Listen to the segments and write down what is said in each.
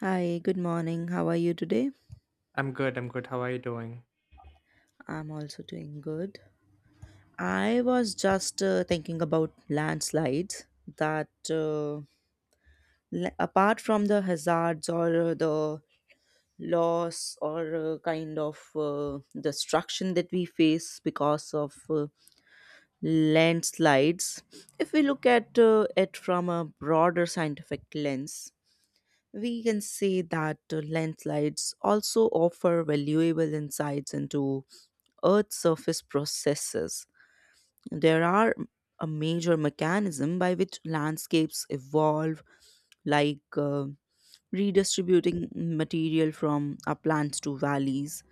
Hi, good morning. How are you today? I'm good. I'm good. How are you doing? I'm also doing good. I was just thinking about landslides that, uh, apart from the hazards or the loss or destruction that we face because of landslides, if we look at it from a broader scientific lens, we can say that landslides also offer valuable insights into Earth's surface processes. There are a major mechanism by which landscapes evolve, like redistributing material from uplands to valleys,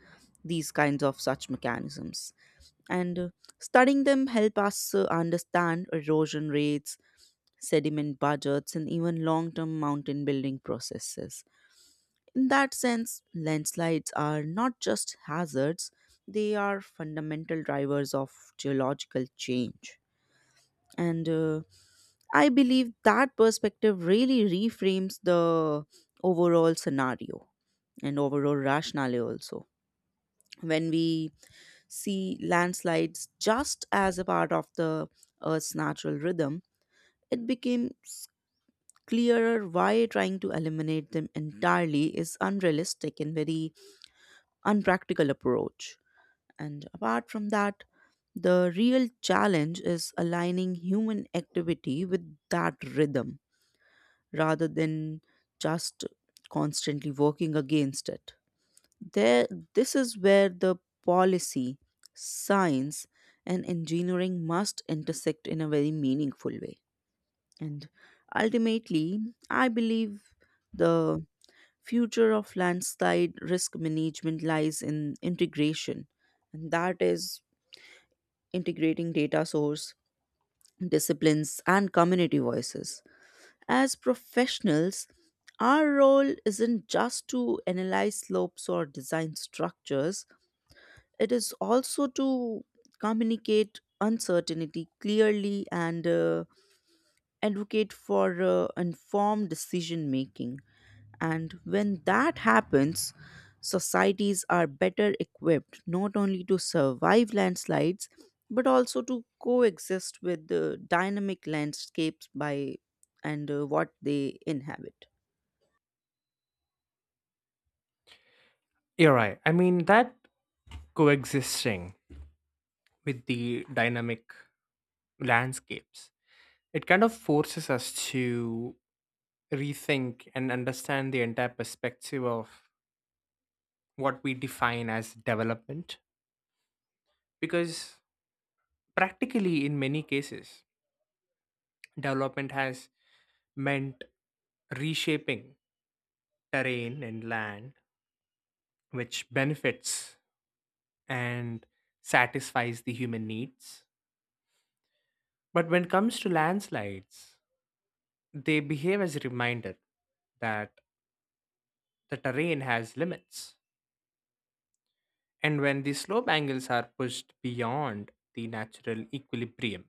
these kinds of such mechanisms. And Studying them help us understand erosion rates, sediment budgets, and even long-term mountain building processes. In that sense, landslides are not just hazards, they are fundamental drivers of geological change. And I believe that perspective really reframes the overall scenario and overall rationale also. When we see landslides just as a part of the Earth's natural rhythm, it becomes clearer why trying to eliminate them entirely is unrealistic and very unpractical approach. And apart from that, the real challenge is aligning human activity with that rhythm rather than just constantly working against it. There, this is where the policy, science, and engineering must intersect in a very meaningful way. And ultimately, I believe the future of landslide risk management lies in integration, and that is integrating data source disciplines and community voices. As professionals, our role isn't just to analyze slopes or design structures, it is also to communicate uncertainty clearly and advocate for informed decision making. And when that happens, societies are better equipped not only to survive landslides but also to coexist with the dynamic landscapes by and what they inhabit. You're right. I mean, that coexisting with the dynamic landscapes, it kind of forces us to rethink and understand the entire perspective of what we define as development. Because practically, in many cases, development has meant reshaping terrain and land, which benefits and satisfies the human needs. But when it comes to landslides, they behave as a reminder that the terrain has limits, and when the slope angles are pushed beyond the natural equilibrium,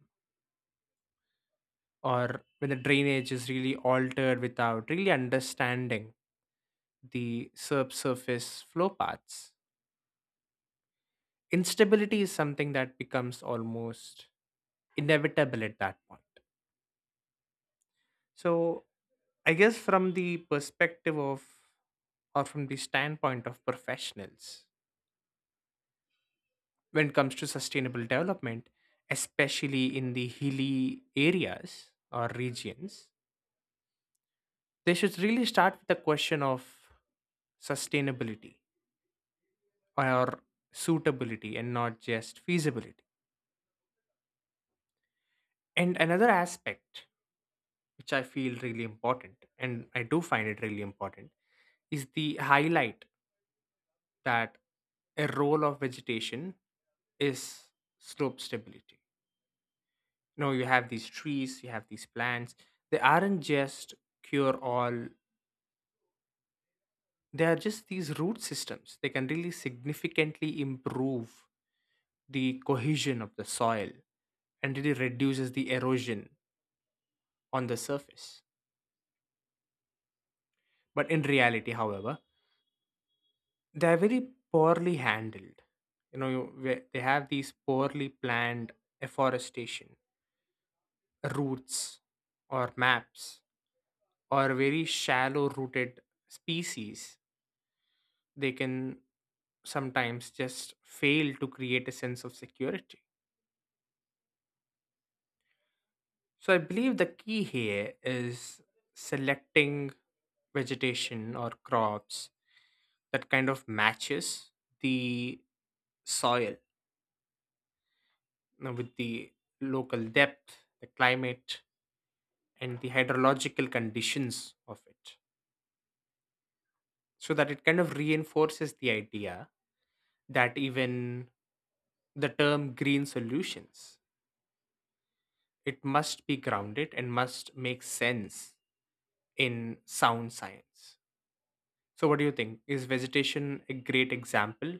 or when the drainage is really altered without really understanding the subsurface flow paths, instability is something that becomes almost inevitable at that point. So, I guess from the perspective of or from the standpoint of professionals, when it comes to sustainable development, especially in the hilly areas or regions, they should really start with the question of sustainability or suitability and not just feasibility. And another aspect which I feel really important, and I do find it really important, is the highlight that a role of vegetation is slope stability. No, you have these trees, you have these plants. They aren't just cure all, they are just these root systems. They can really significantly improve the cohesion of the soil and really reduces the erosion on the surface. But in reality, however, they are very poorly handled. Where they have these poorly planned afforestation, routes, or maps, or very shallow rooted species. They can sometimes just fail to create a sense of security. So I believe the key here is selecting vegetation or crops that kind of matches the soil, you know, with the local depth, the climate, and the hydrological conditions of it. So that it kind of reinforces the idea that even the term green solutions, it must be grounded and must make sense in sound science. So, what do you think? Is vegetation a great example?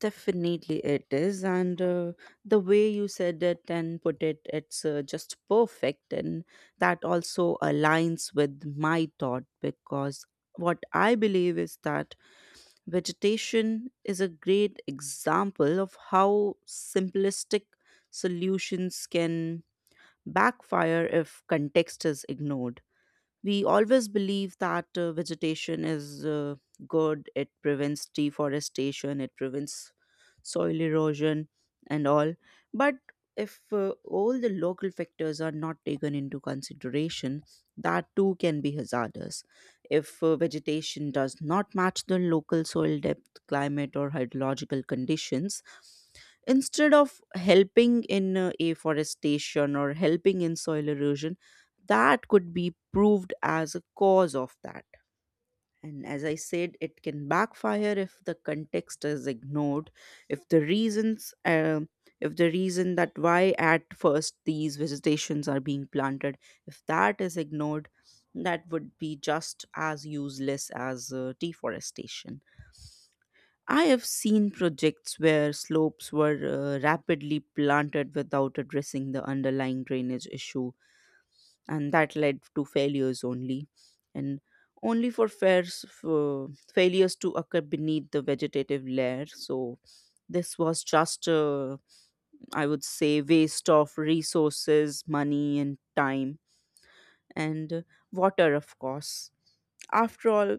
Definitely it is. And The way you said it and put it, it's just perfect. And that also aligns with my thought because what I believe is that vegetation is a great example of how simplistic solutions can backfire if context is ignored. We always believe that vegetation is good, it prevents deforestation, it prevents soil erosion, and all. But if all the local factors are not taken into consideration, that too can be hazardous. If vegetation does not match the local soil depth, climate, or hydrological conditions, instead of helping in afforestation or helping in soil erosion, that could be proved as a cause of that. And as I said, it can backfire if the context is ignored, if the reason that why at first these vegetations are being planted, if that is ignored, that would be just as useless as deforestation. I have seen projects where slopes were rapidly planted without addressing the underlying drainage issue, and that led to failures only and only for failures to occur beneath the vegetative layer. So this was just a, I would say, waste of resources, money, and time, and water, of course. After all,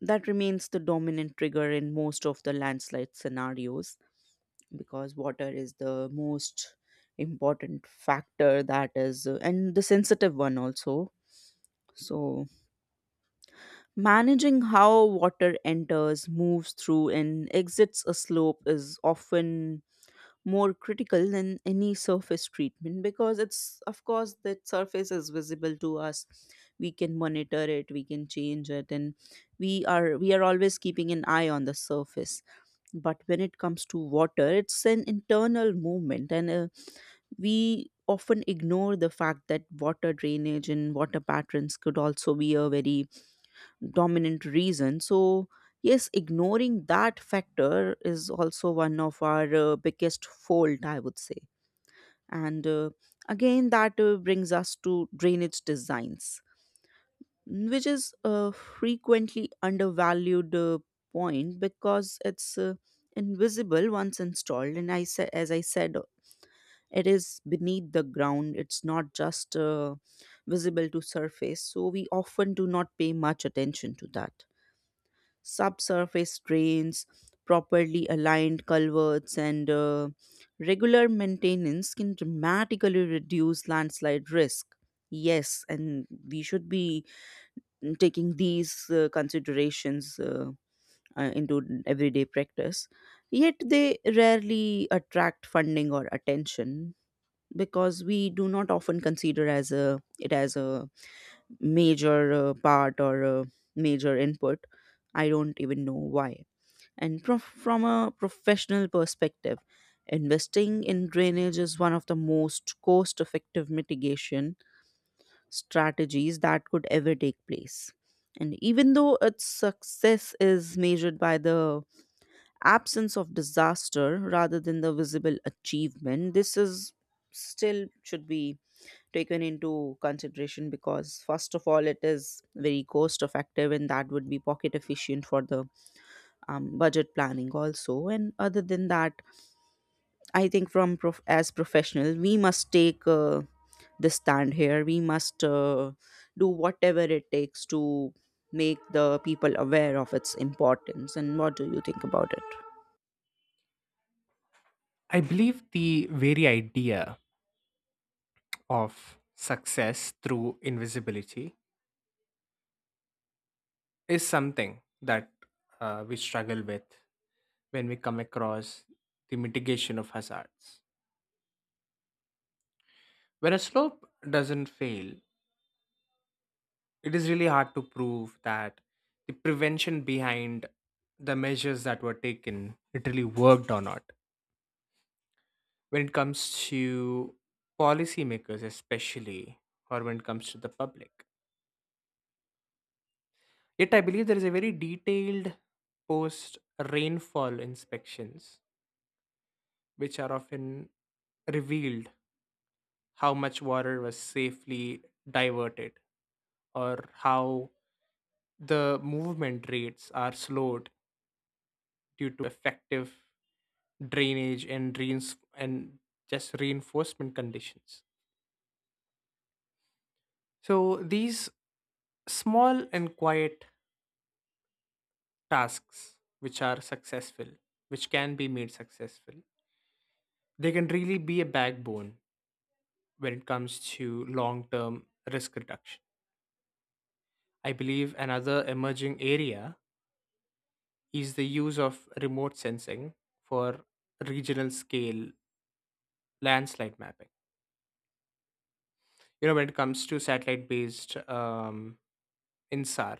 that remains the dominant trigger in most of the landslide scenarios, because water is the most important factor that is and the sensitive one also. So, managing how water enters, moves through, and exits a slope is often more critical than any surface treatment, because it's of course that surface is visible to us. We can monitor it, we can change it, and we are always keeping an eye on the surface. But when it comes to water, it's an internal movement, and we often ignore the fact that water drainage and water patterns could also be a very dominant reason. So yes, ignoring that factor is also one of our biggest fault, I would say. And again, that Brings us to drainage designs, which is a frequently undervalued point, because it's invisible once installed. And as I said, it is beneath the ground, it's not just visible to surface. So we often do not pay much attention to that. Subsurface drains, properly aligned culverts, and regular maintenance can dramatically reduce landslide risk. Yes, and we should be taking these considerations into everyday practice. Yet they rarely attract funding or attention, because we do not often consider as a it as a major part or a major input. I don't even know why. And from a professional perspective, investing in drainage is one of the most cost effective mitigation strategies that could ever take place. And even though its success is measured by the absence of disaster rather than the visible achievement, this is still should be taken into consideration, because first of all it is very cost effective, and that would be pocket efficient for the budget planning also. And other than that, I think as professional we must take the stand here. We must do whatever it takes to make the people aware of its importance. And what do you think about it? I believe the very idea of success through invisibility is something that we struggle with when we come across the mitigation of hazards. When a slope doesn't fail, it is really hard to prove that the prevention behind the measures that were taken it really worked or not, when it comes to policymakers, especially, or when it comes to the public. Yet, I believe there is a very detailed post rainfall inspections, which are often revealed how much water was safely diverted or how the movement rates are slowed due to effective drainage and reins and just reinforcement conditions. So these small and quiet tasks which are successful, which can be made successful, they can really be a backbone when it comes to long term risk reduction. I believe another emerging area is the use of remote sensing for regional scale landslide mapping. You know, when it comes to satellite based INSAR,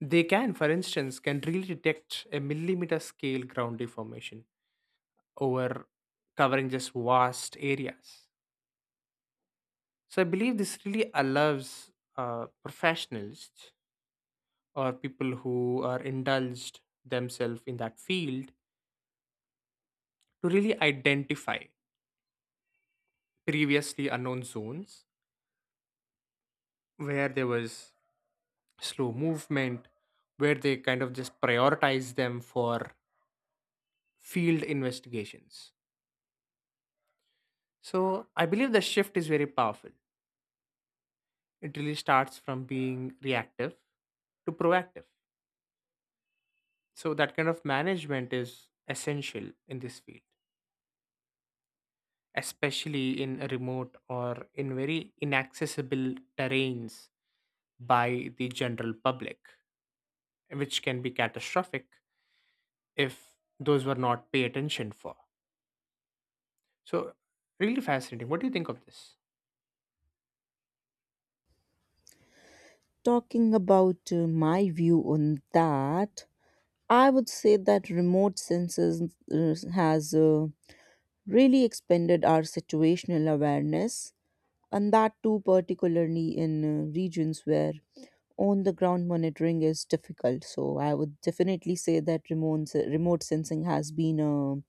they can, for instance, can really detect a millimeter scale ground deformation over covering just vast areas. So I believe this really allows professionals or people who are indulged themselves in that field to really identify previously unknown zones where there was slow movement, where they kind of just prioritize them for field investigations. So I believe the shift is very powerful. It really starts from being reactive to proactive. So that kind of management is essential in this field, especially in remote or in very inaccessible terrains by the general public, which can be catastrophic if those were not pay attention for. So really fascinating. What do you think of this? Talking about my view on that, I would say that remote sensors has really expanded our situational awareness, and that too particularly in regions where on the ground monitoring is difficult. So I would definitely say that remote sensing has been a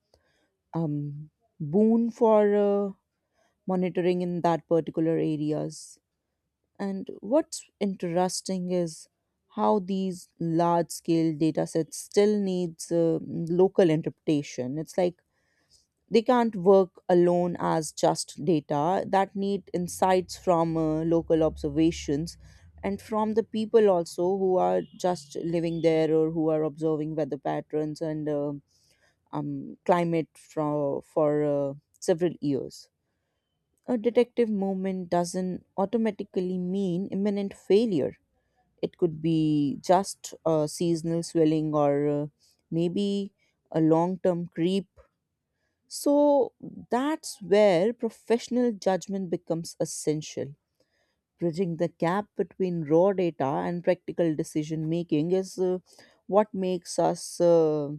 um, boon for monitoring in that particular areas. And what's interesting is how these large scale data sets still needs local interpretation. It's like they can't work alone as just data, that need insights from local observations and from the people also who are just living there or who are observing weather patterns and climate from for several years. A detective movement doesn't automatically mean imminent failure. It could be just a seasonal swelling or maybe a long term creep. So that's where professional judgment becomes essential. Bridging the gap between raw data and practical decision making is what makes us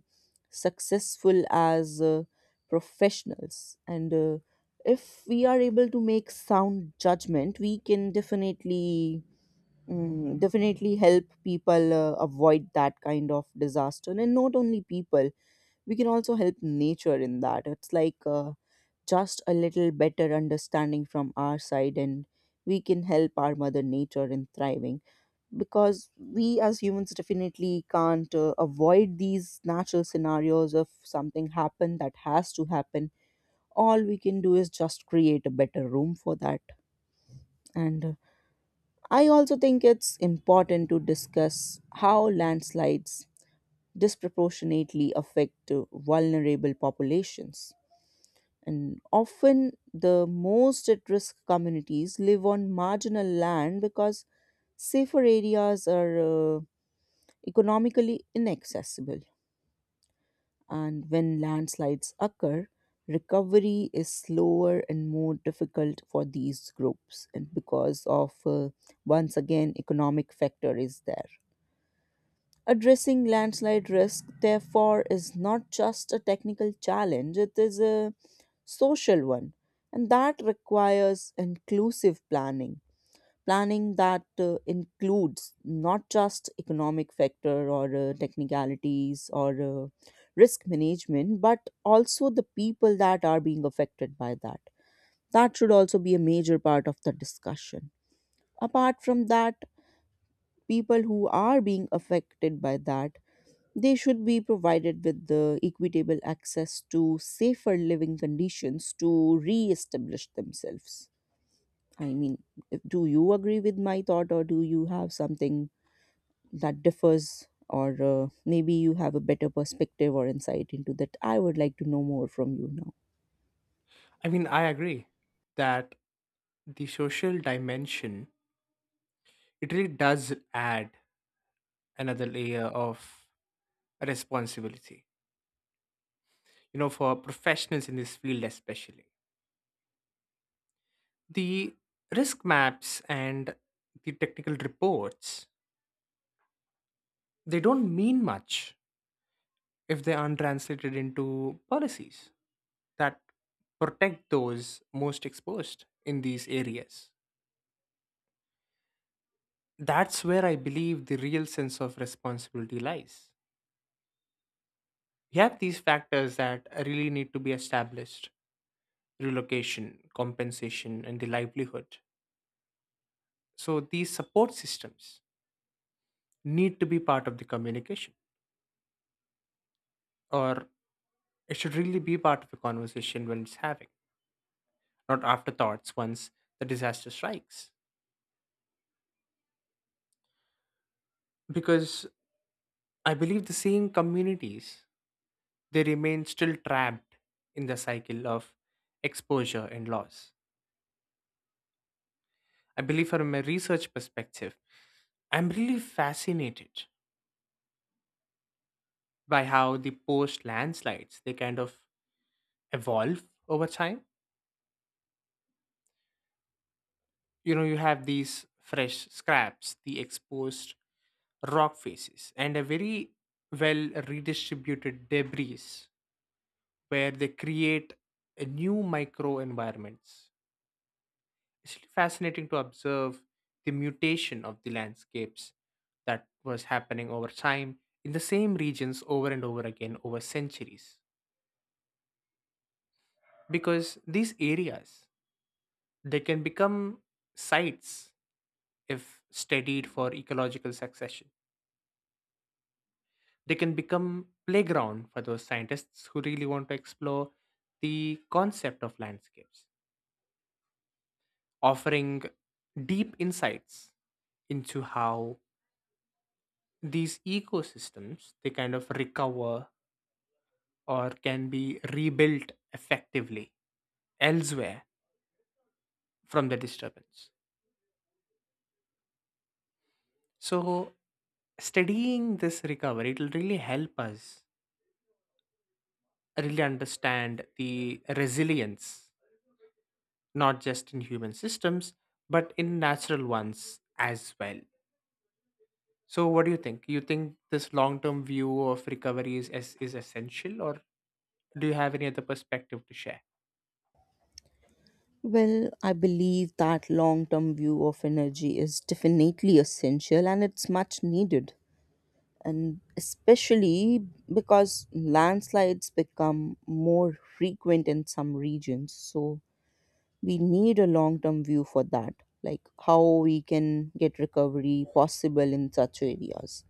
successful as professionals. And If we are able to make sound judgment, we can definitely. Mm, definitely help people avoid that kind of disaster. And not only people, we can also help nature in that. It's like just a little better understanding from our side, and we can help our mother nature in thriving, because we as humans definitely can't avoid these natural scenarios of something happen that has to happen. All we can do is just create a better room for that. And I also think it's important to discuss how landslides disproportionately affect vulnerable populations. And often the most at risk communities live on marginal land, because safer areas are economically inaccessible. And when landslides occur, recovery is slower and more difficult for these groups, and because of once again economic factor is there. Addressing landslide risk, therefore, is not just a technical challenge, it is a social one. And that requires inclusive planning, planning that includes not just economic factor or technicalities or risk management, but also the people that are being affected by that. That should also be a major part of the discussion. Apart from that, people who are being affected by that, they should be provided with the equitable access to safer living conditions to re establish themselves. I mean, if- do you agree with my thought, or do you have something that differs, or maybe you have a better perspective or insight into that? I would like to know more from you now. I agree that the social dimension it really does add another layer of responsibility, you know, for professionals in this field, especially the risk maps and the technical reports, they don't mean much if they aren't translated into policies that protect those most exposed in these areas. That's where I believe the real sense of responsibility lies. We have these factors that really need to be established: relocation, compensation, and the livelihood. So these support systems need to be part of the communication, or it should really be part of the conversation when it's having, not afterthoughts once the disaster strikes. Because I believe the same communities they remain still trapped in the cycle of exposure and loss. I believe from a research perspective, I'm really fascinated by how the post landslides they kind of evolve over time. You know, you have these fresh scraps, the exposed rock faces, and a very well redistributed debris where they create a new micro environments. It's really fascinating to observe the mutation of the landscapes that was happening over time in the same regions over and over again over centuries, because these areas they can become sites if studied for ecological succession. They can become playground for those scientists who really want to explore the concept of landscapes, offering deep insights into how these ecosystems they kind of recover or can be rebuilt effectively elsewhere from the disturbance. So studying this recovery it will really help us really understand the resilience not just in human systems but in natural ones as well. So what do you think? You think this long term view of recovery is essential, or do you have any other perspective to share? Well, I believe that long term view of energy is definitely essential and it's much needed, and especially because landslides become more frequent in some regions. So we need a long term view for that, like how we can get recovery possible in such areas,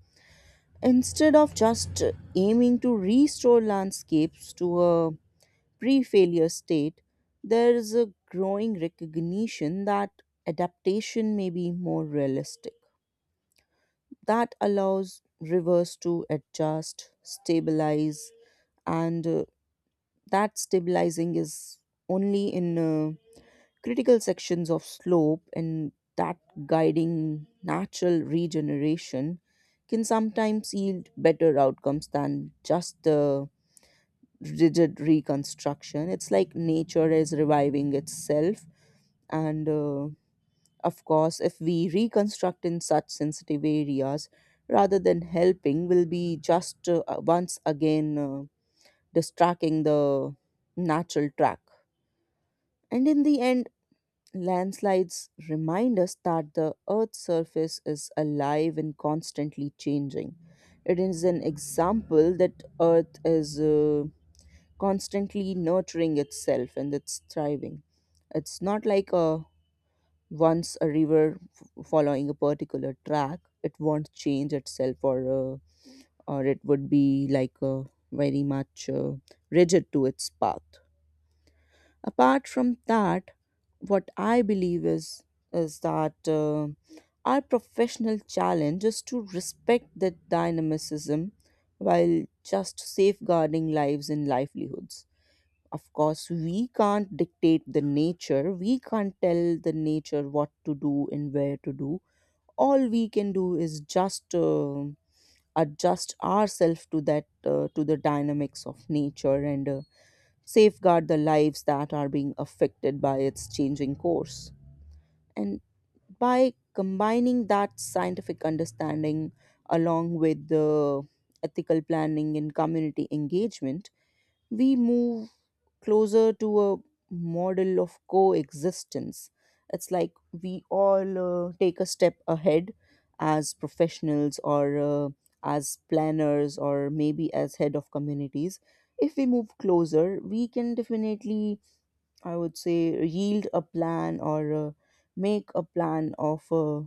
instead of just aiming to restore landscapes to a pre failure state. There is a growing recognition that adaptation may be more realistic, that allows rivers to adjust, stabilize, and that stabilizing is only in critical sections of slope, and that guiding natural regeneration can sometimes yield better outcomes than just the rigid reconstruction. It's like nature is reviving itself. And Of course, if we reconstruct in such sensitive areas, rather than helping, will be just once again distracting the natural track. And in the end, landslides remind us that the Earth's surface is alive and constantly changing. It is an example that Earth is constantly nurturing itself and it's thriving. It's not like a once a river following a particular track it won't change itself, or it would be like very much rigid to its path. Apart from that, what I believe is is that our professional challenge is to respect that dynamicism while just safeguarding lives and livelihoods. Of course we can't dictate the nature, we can't tell the nature what to do and where to do. All we can do is just adjust ourselves to that to the dynamics of nature, and safeguard the lives that are being affected by its changing course. And by combining that scientific understanding along with the ethical planning and community engagement, we move closer to a model of coexistence. It's like we all take a step ahead as professionals or as planners or maybe as head of communities. If we move closer, we can definitely, I would say, yield a plan or make a plan of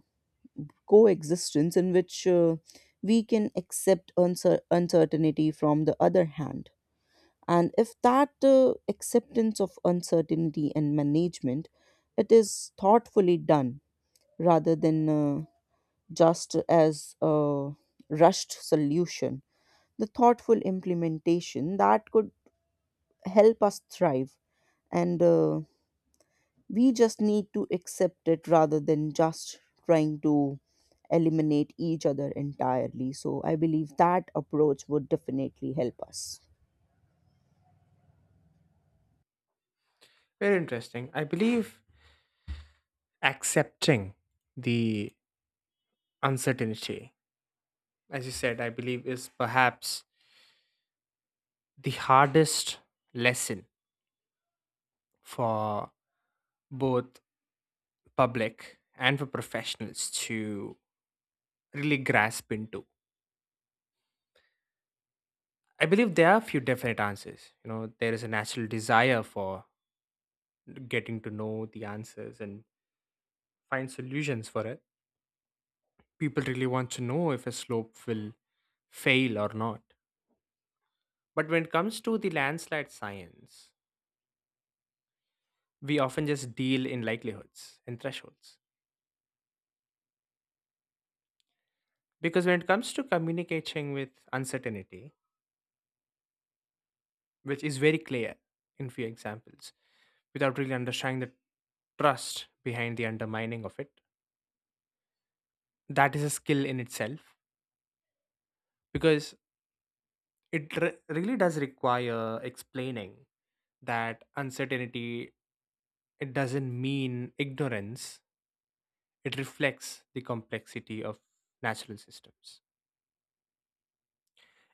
coexistence in which we can accept uncertainty from the other hand. And if that acceptance of uncertainty and management, it is thoughtfully done rather than just as a rushed solution, the thoughtful implementation that could help us thrive. And We just need to accept it rather than just trying to eliminate each other entirely. So I believe that approach would definitely help us. Very interesting. I believe accepting the uncertainty, as you said, I believe is perhaps the hardest lesson for both public and for professionals to really grasp into. I believe there are a few definite answers. You know, there is a natural desire for getting to know the answers and find solutions for it. People really want to know if a slope will fail or not. But when it comes to the landslide science, we often just deal in likelihoods and thresholds. Because when it comes to communicating with uncertainty, which is very clear in few examples, without really understanding the trust behind the undermining of it, that is a skill in itself because really does require explaining that uncertainty, it doesn't mean ignorance. It reflects the complexity of natural systems.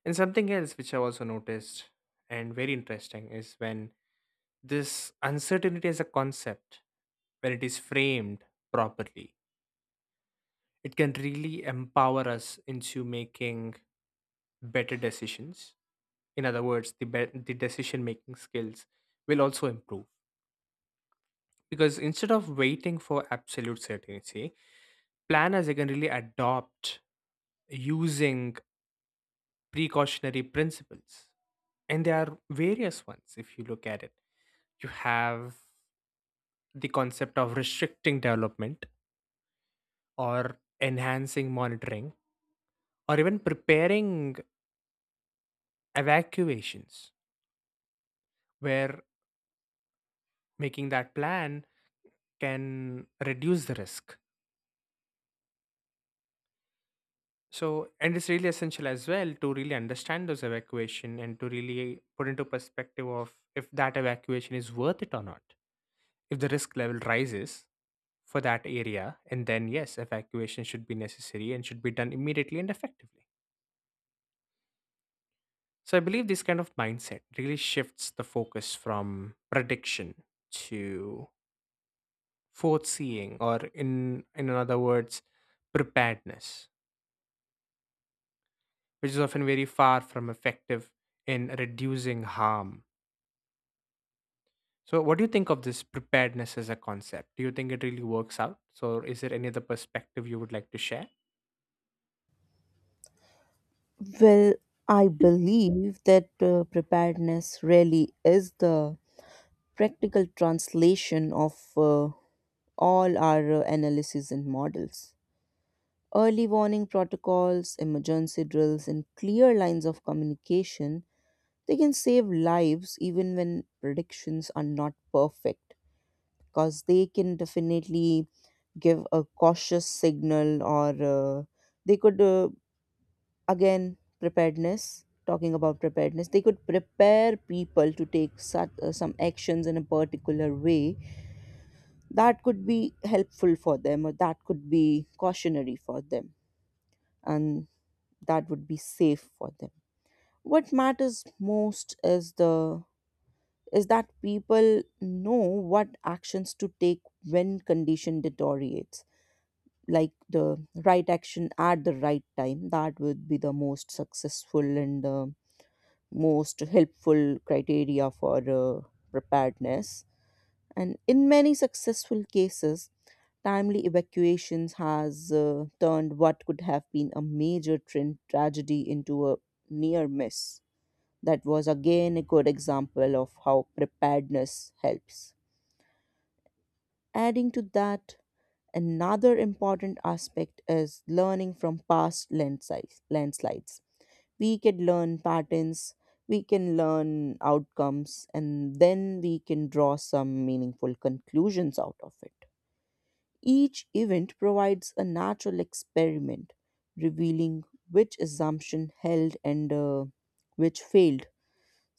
And something else which I also noticed and very interesting is when this uncertainty as a concept, when it is framed properly, it can really empower us into making better decisions. In other words, the decision making skills will also improve because instead of waiting for absolute certainty, planners they can really adopt using precautionary principles, and there are various ones if you look at it. You have the concept of restricting development, or enhancing monitoring, or even preparing evacuations, where making that plan can reduce the risk. So, and it's really essential as well to really understand those evacuation and to really put into perspective of if that evacuation is worth it or not. If the risk level rises for that area, and then yes, evacuation should be necessary and should be done immediately and effectively. So, I believe this kind of mindset really shifts the focus from prediction to foreseeing, or in other words, preparedness, which is often very far from effective in reducing harm. So, what do you think of this preparedness as a concept? Do you think it really works out? So, is there any other perspective you would like to share? Well, I believe that preparedness really is the practical translation of all our analysis and models. Early warning protocols, emergency drills, and clear lines of communication, they can save lives even when predictions are not perfect, because they can definitely give a cautious signal, or they could again, preparedness, talking about preparedness, they could prepare people to take such, some actions in a particular way that could be helpful for them or that could be cautionary for them, and that would be safe for them. What matters most is the is that people know what actions to take when condition deteriorates, like the right action at the right time. That would be the most successful and most helpful criteria for preparedness. And in many successful cases, timely evacuations has turned what could have been a major train tragedy into a near miss. That was again a good example of how preparedness helps. Adding to that, another important aspect is learning from past landslides. We can learn patterns, we can learn outcomes, and then we can draw some meaningful conclusions out of it. Each event provides a natural experiment revealing which assumption held and which failed.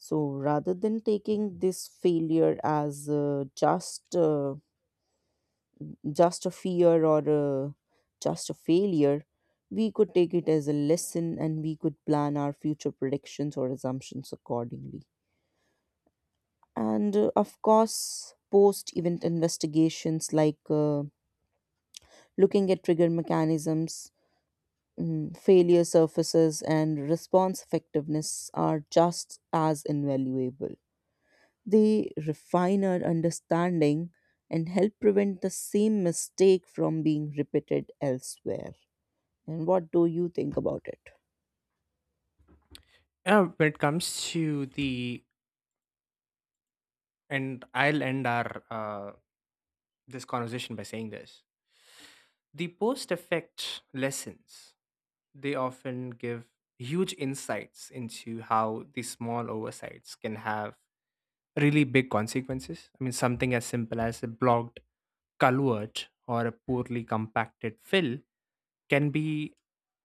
So rather than taking this failure as just a fear or just a failure, we could take it as a lesson and we could plan our future predictions or assumptions accordingly. And Of course, post event investigations, like looking at trigger mechanisms, mm, failure surfaces, and response effectiveness, are just as invaluable. They refine our understanding and help prevent the same mistake from being repeated elsewhere. And what do you think about it? When it comes to the, and I'll end our this conversation by saying this: the post-effect lessons they often give huge insights into how these small oversights can have really big consequences. I mean, something as simple as a blocked culvert or a poorly compacted fill can be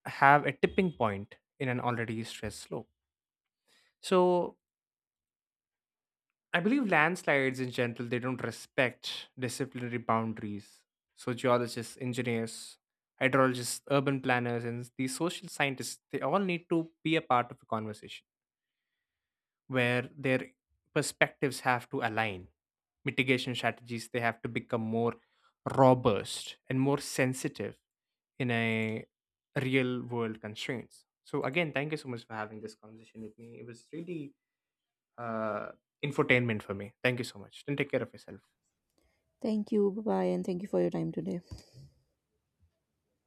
have a tipping point in an already stressed slope. So I believe landslides in general they don't respect disciplinary boundaries. So geologists, engineers, hydrologists, urban planners, and these social scientists they all need to be a part of a conversation where their perspectives have to align. Mitigation strategies they have to become more robust and more sensitive in a real world constraints. So again, thank you so much for having this conversation with me. It was really uh, infotainment for me. Thank you so much. Then take care of yourself. Thank you. Bye bye. And thank you for your time today.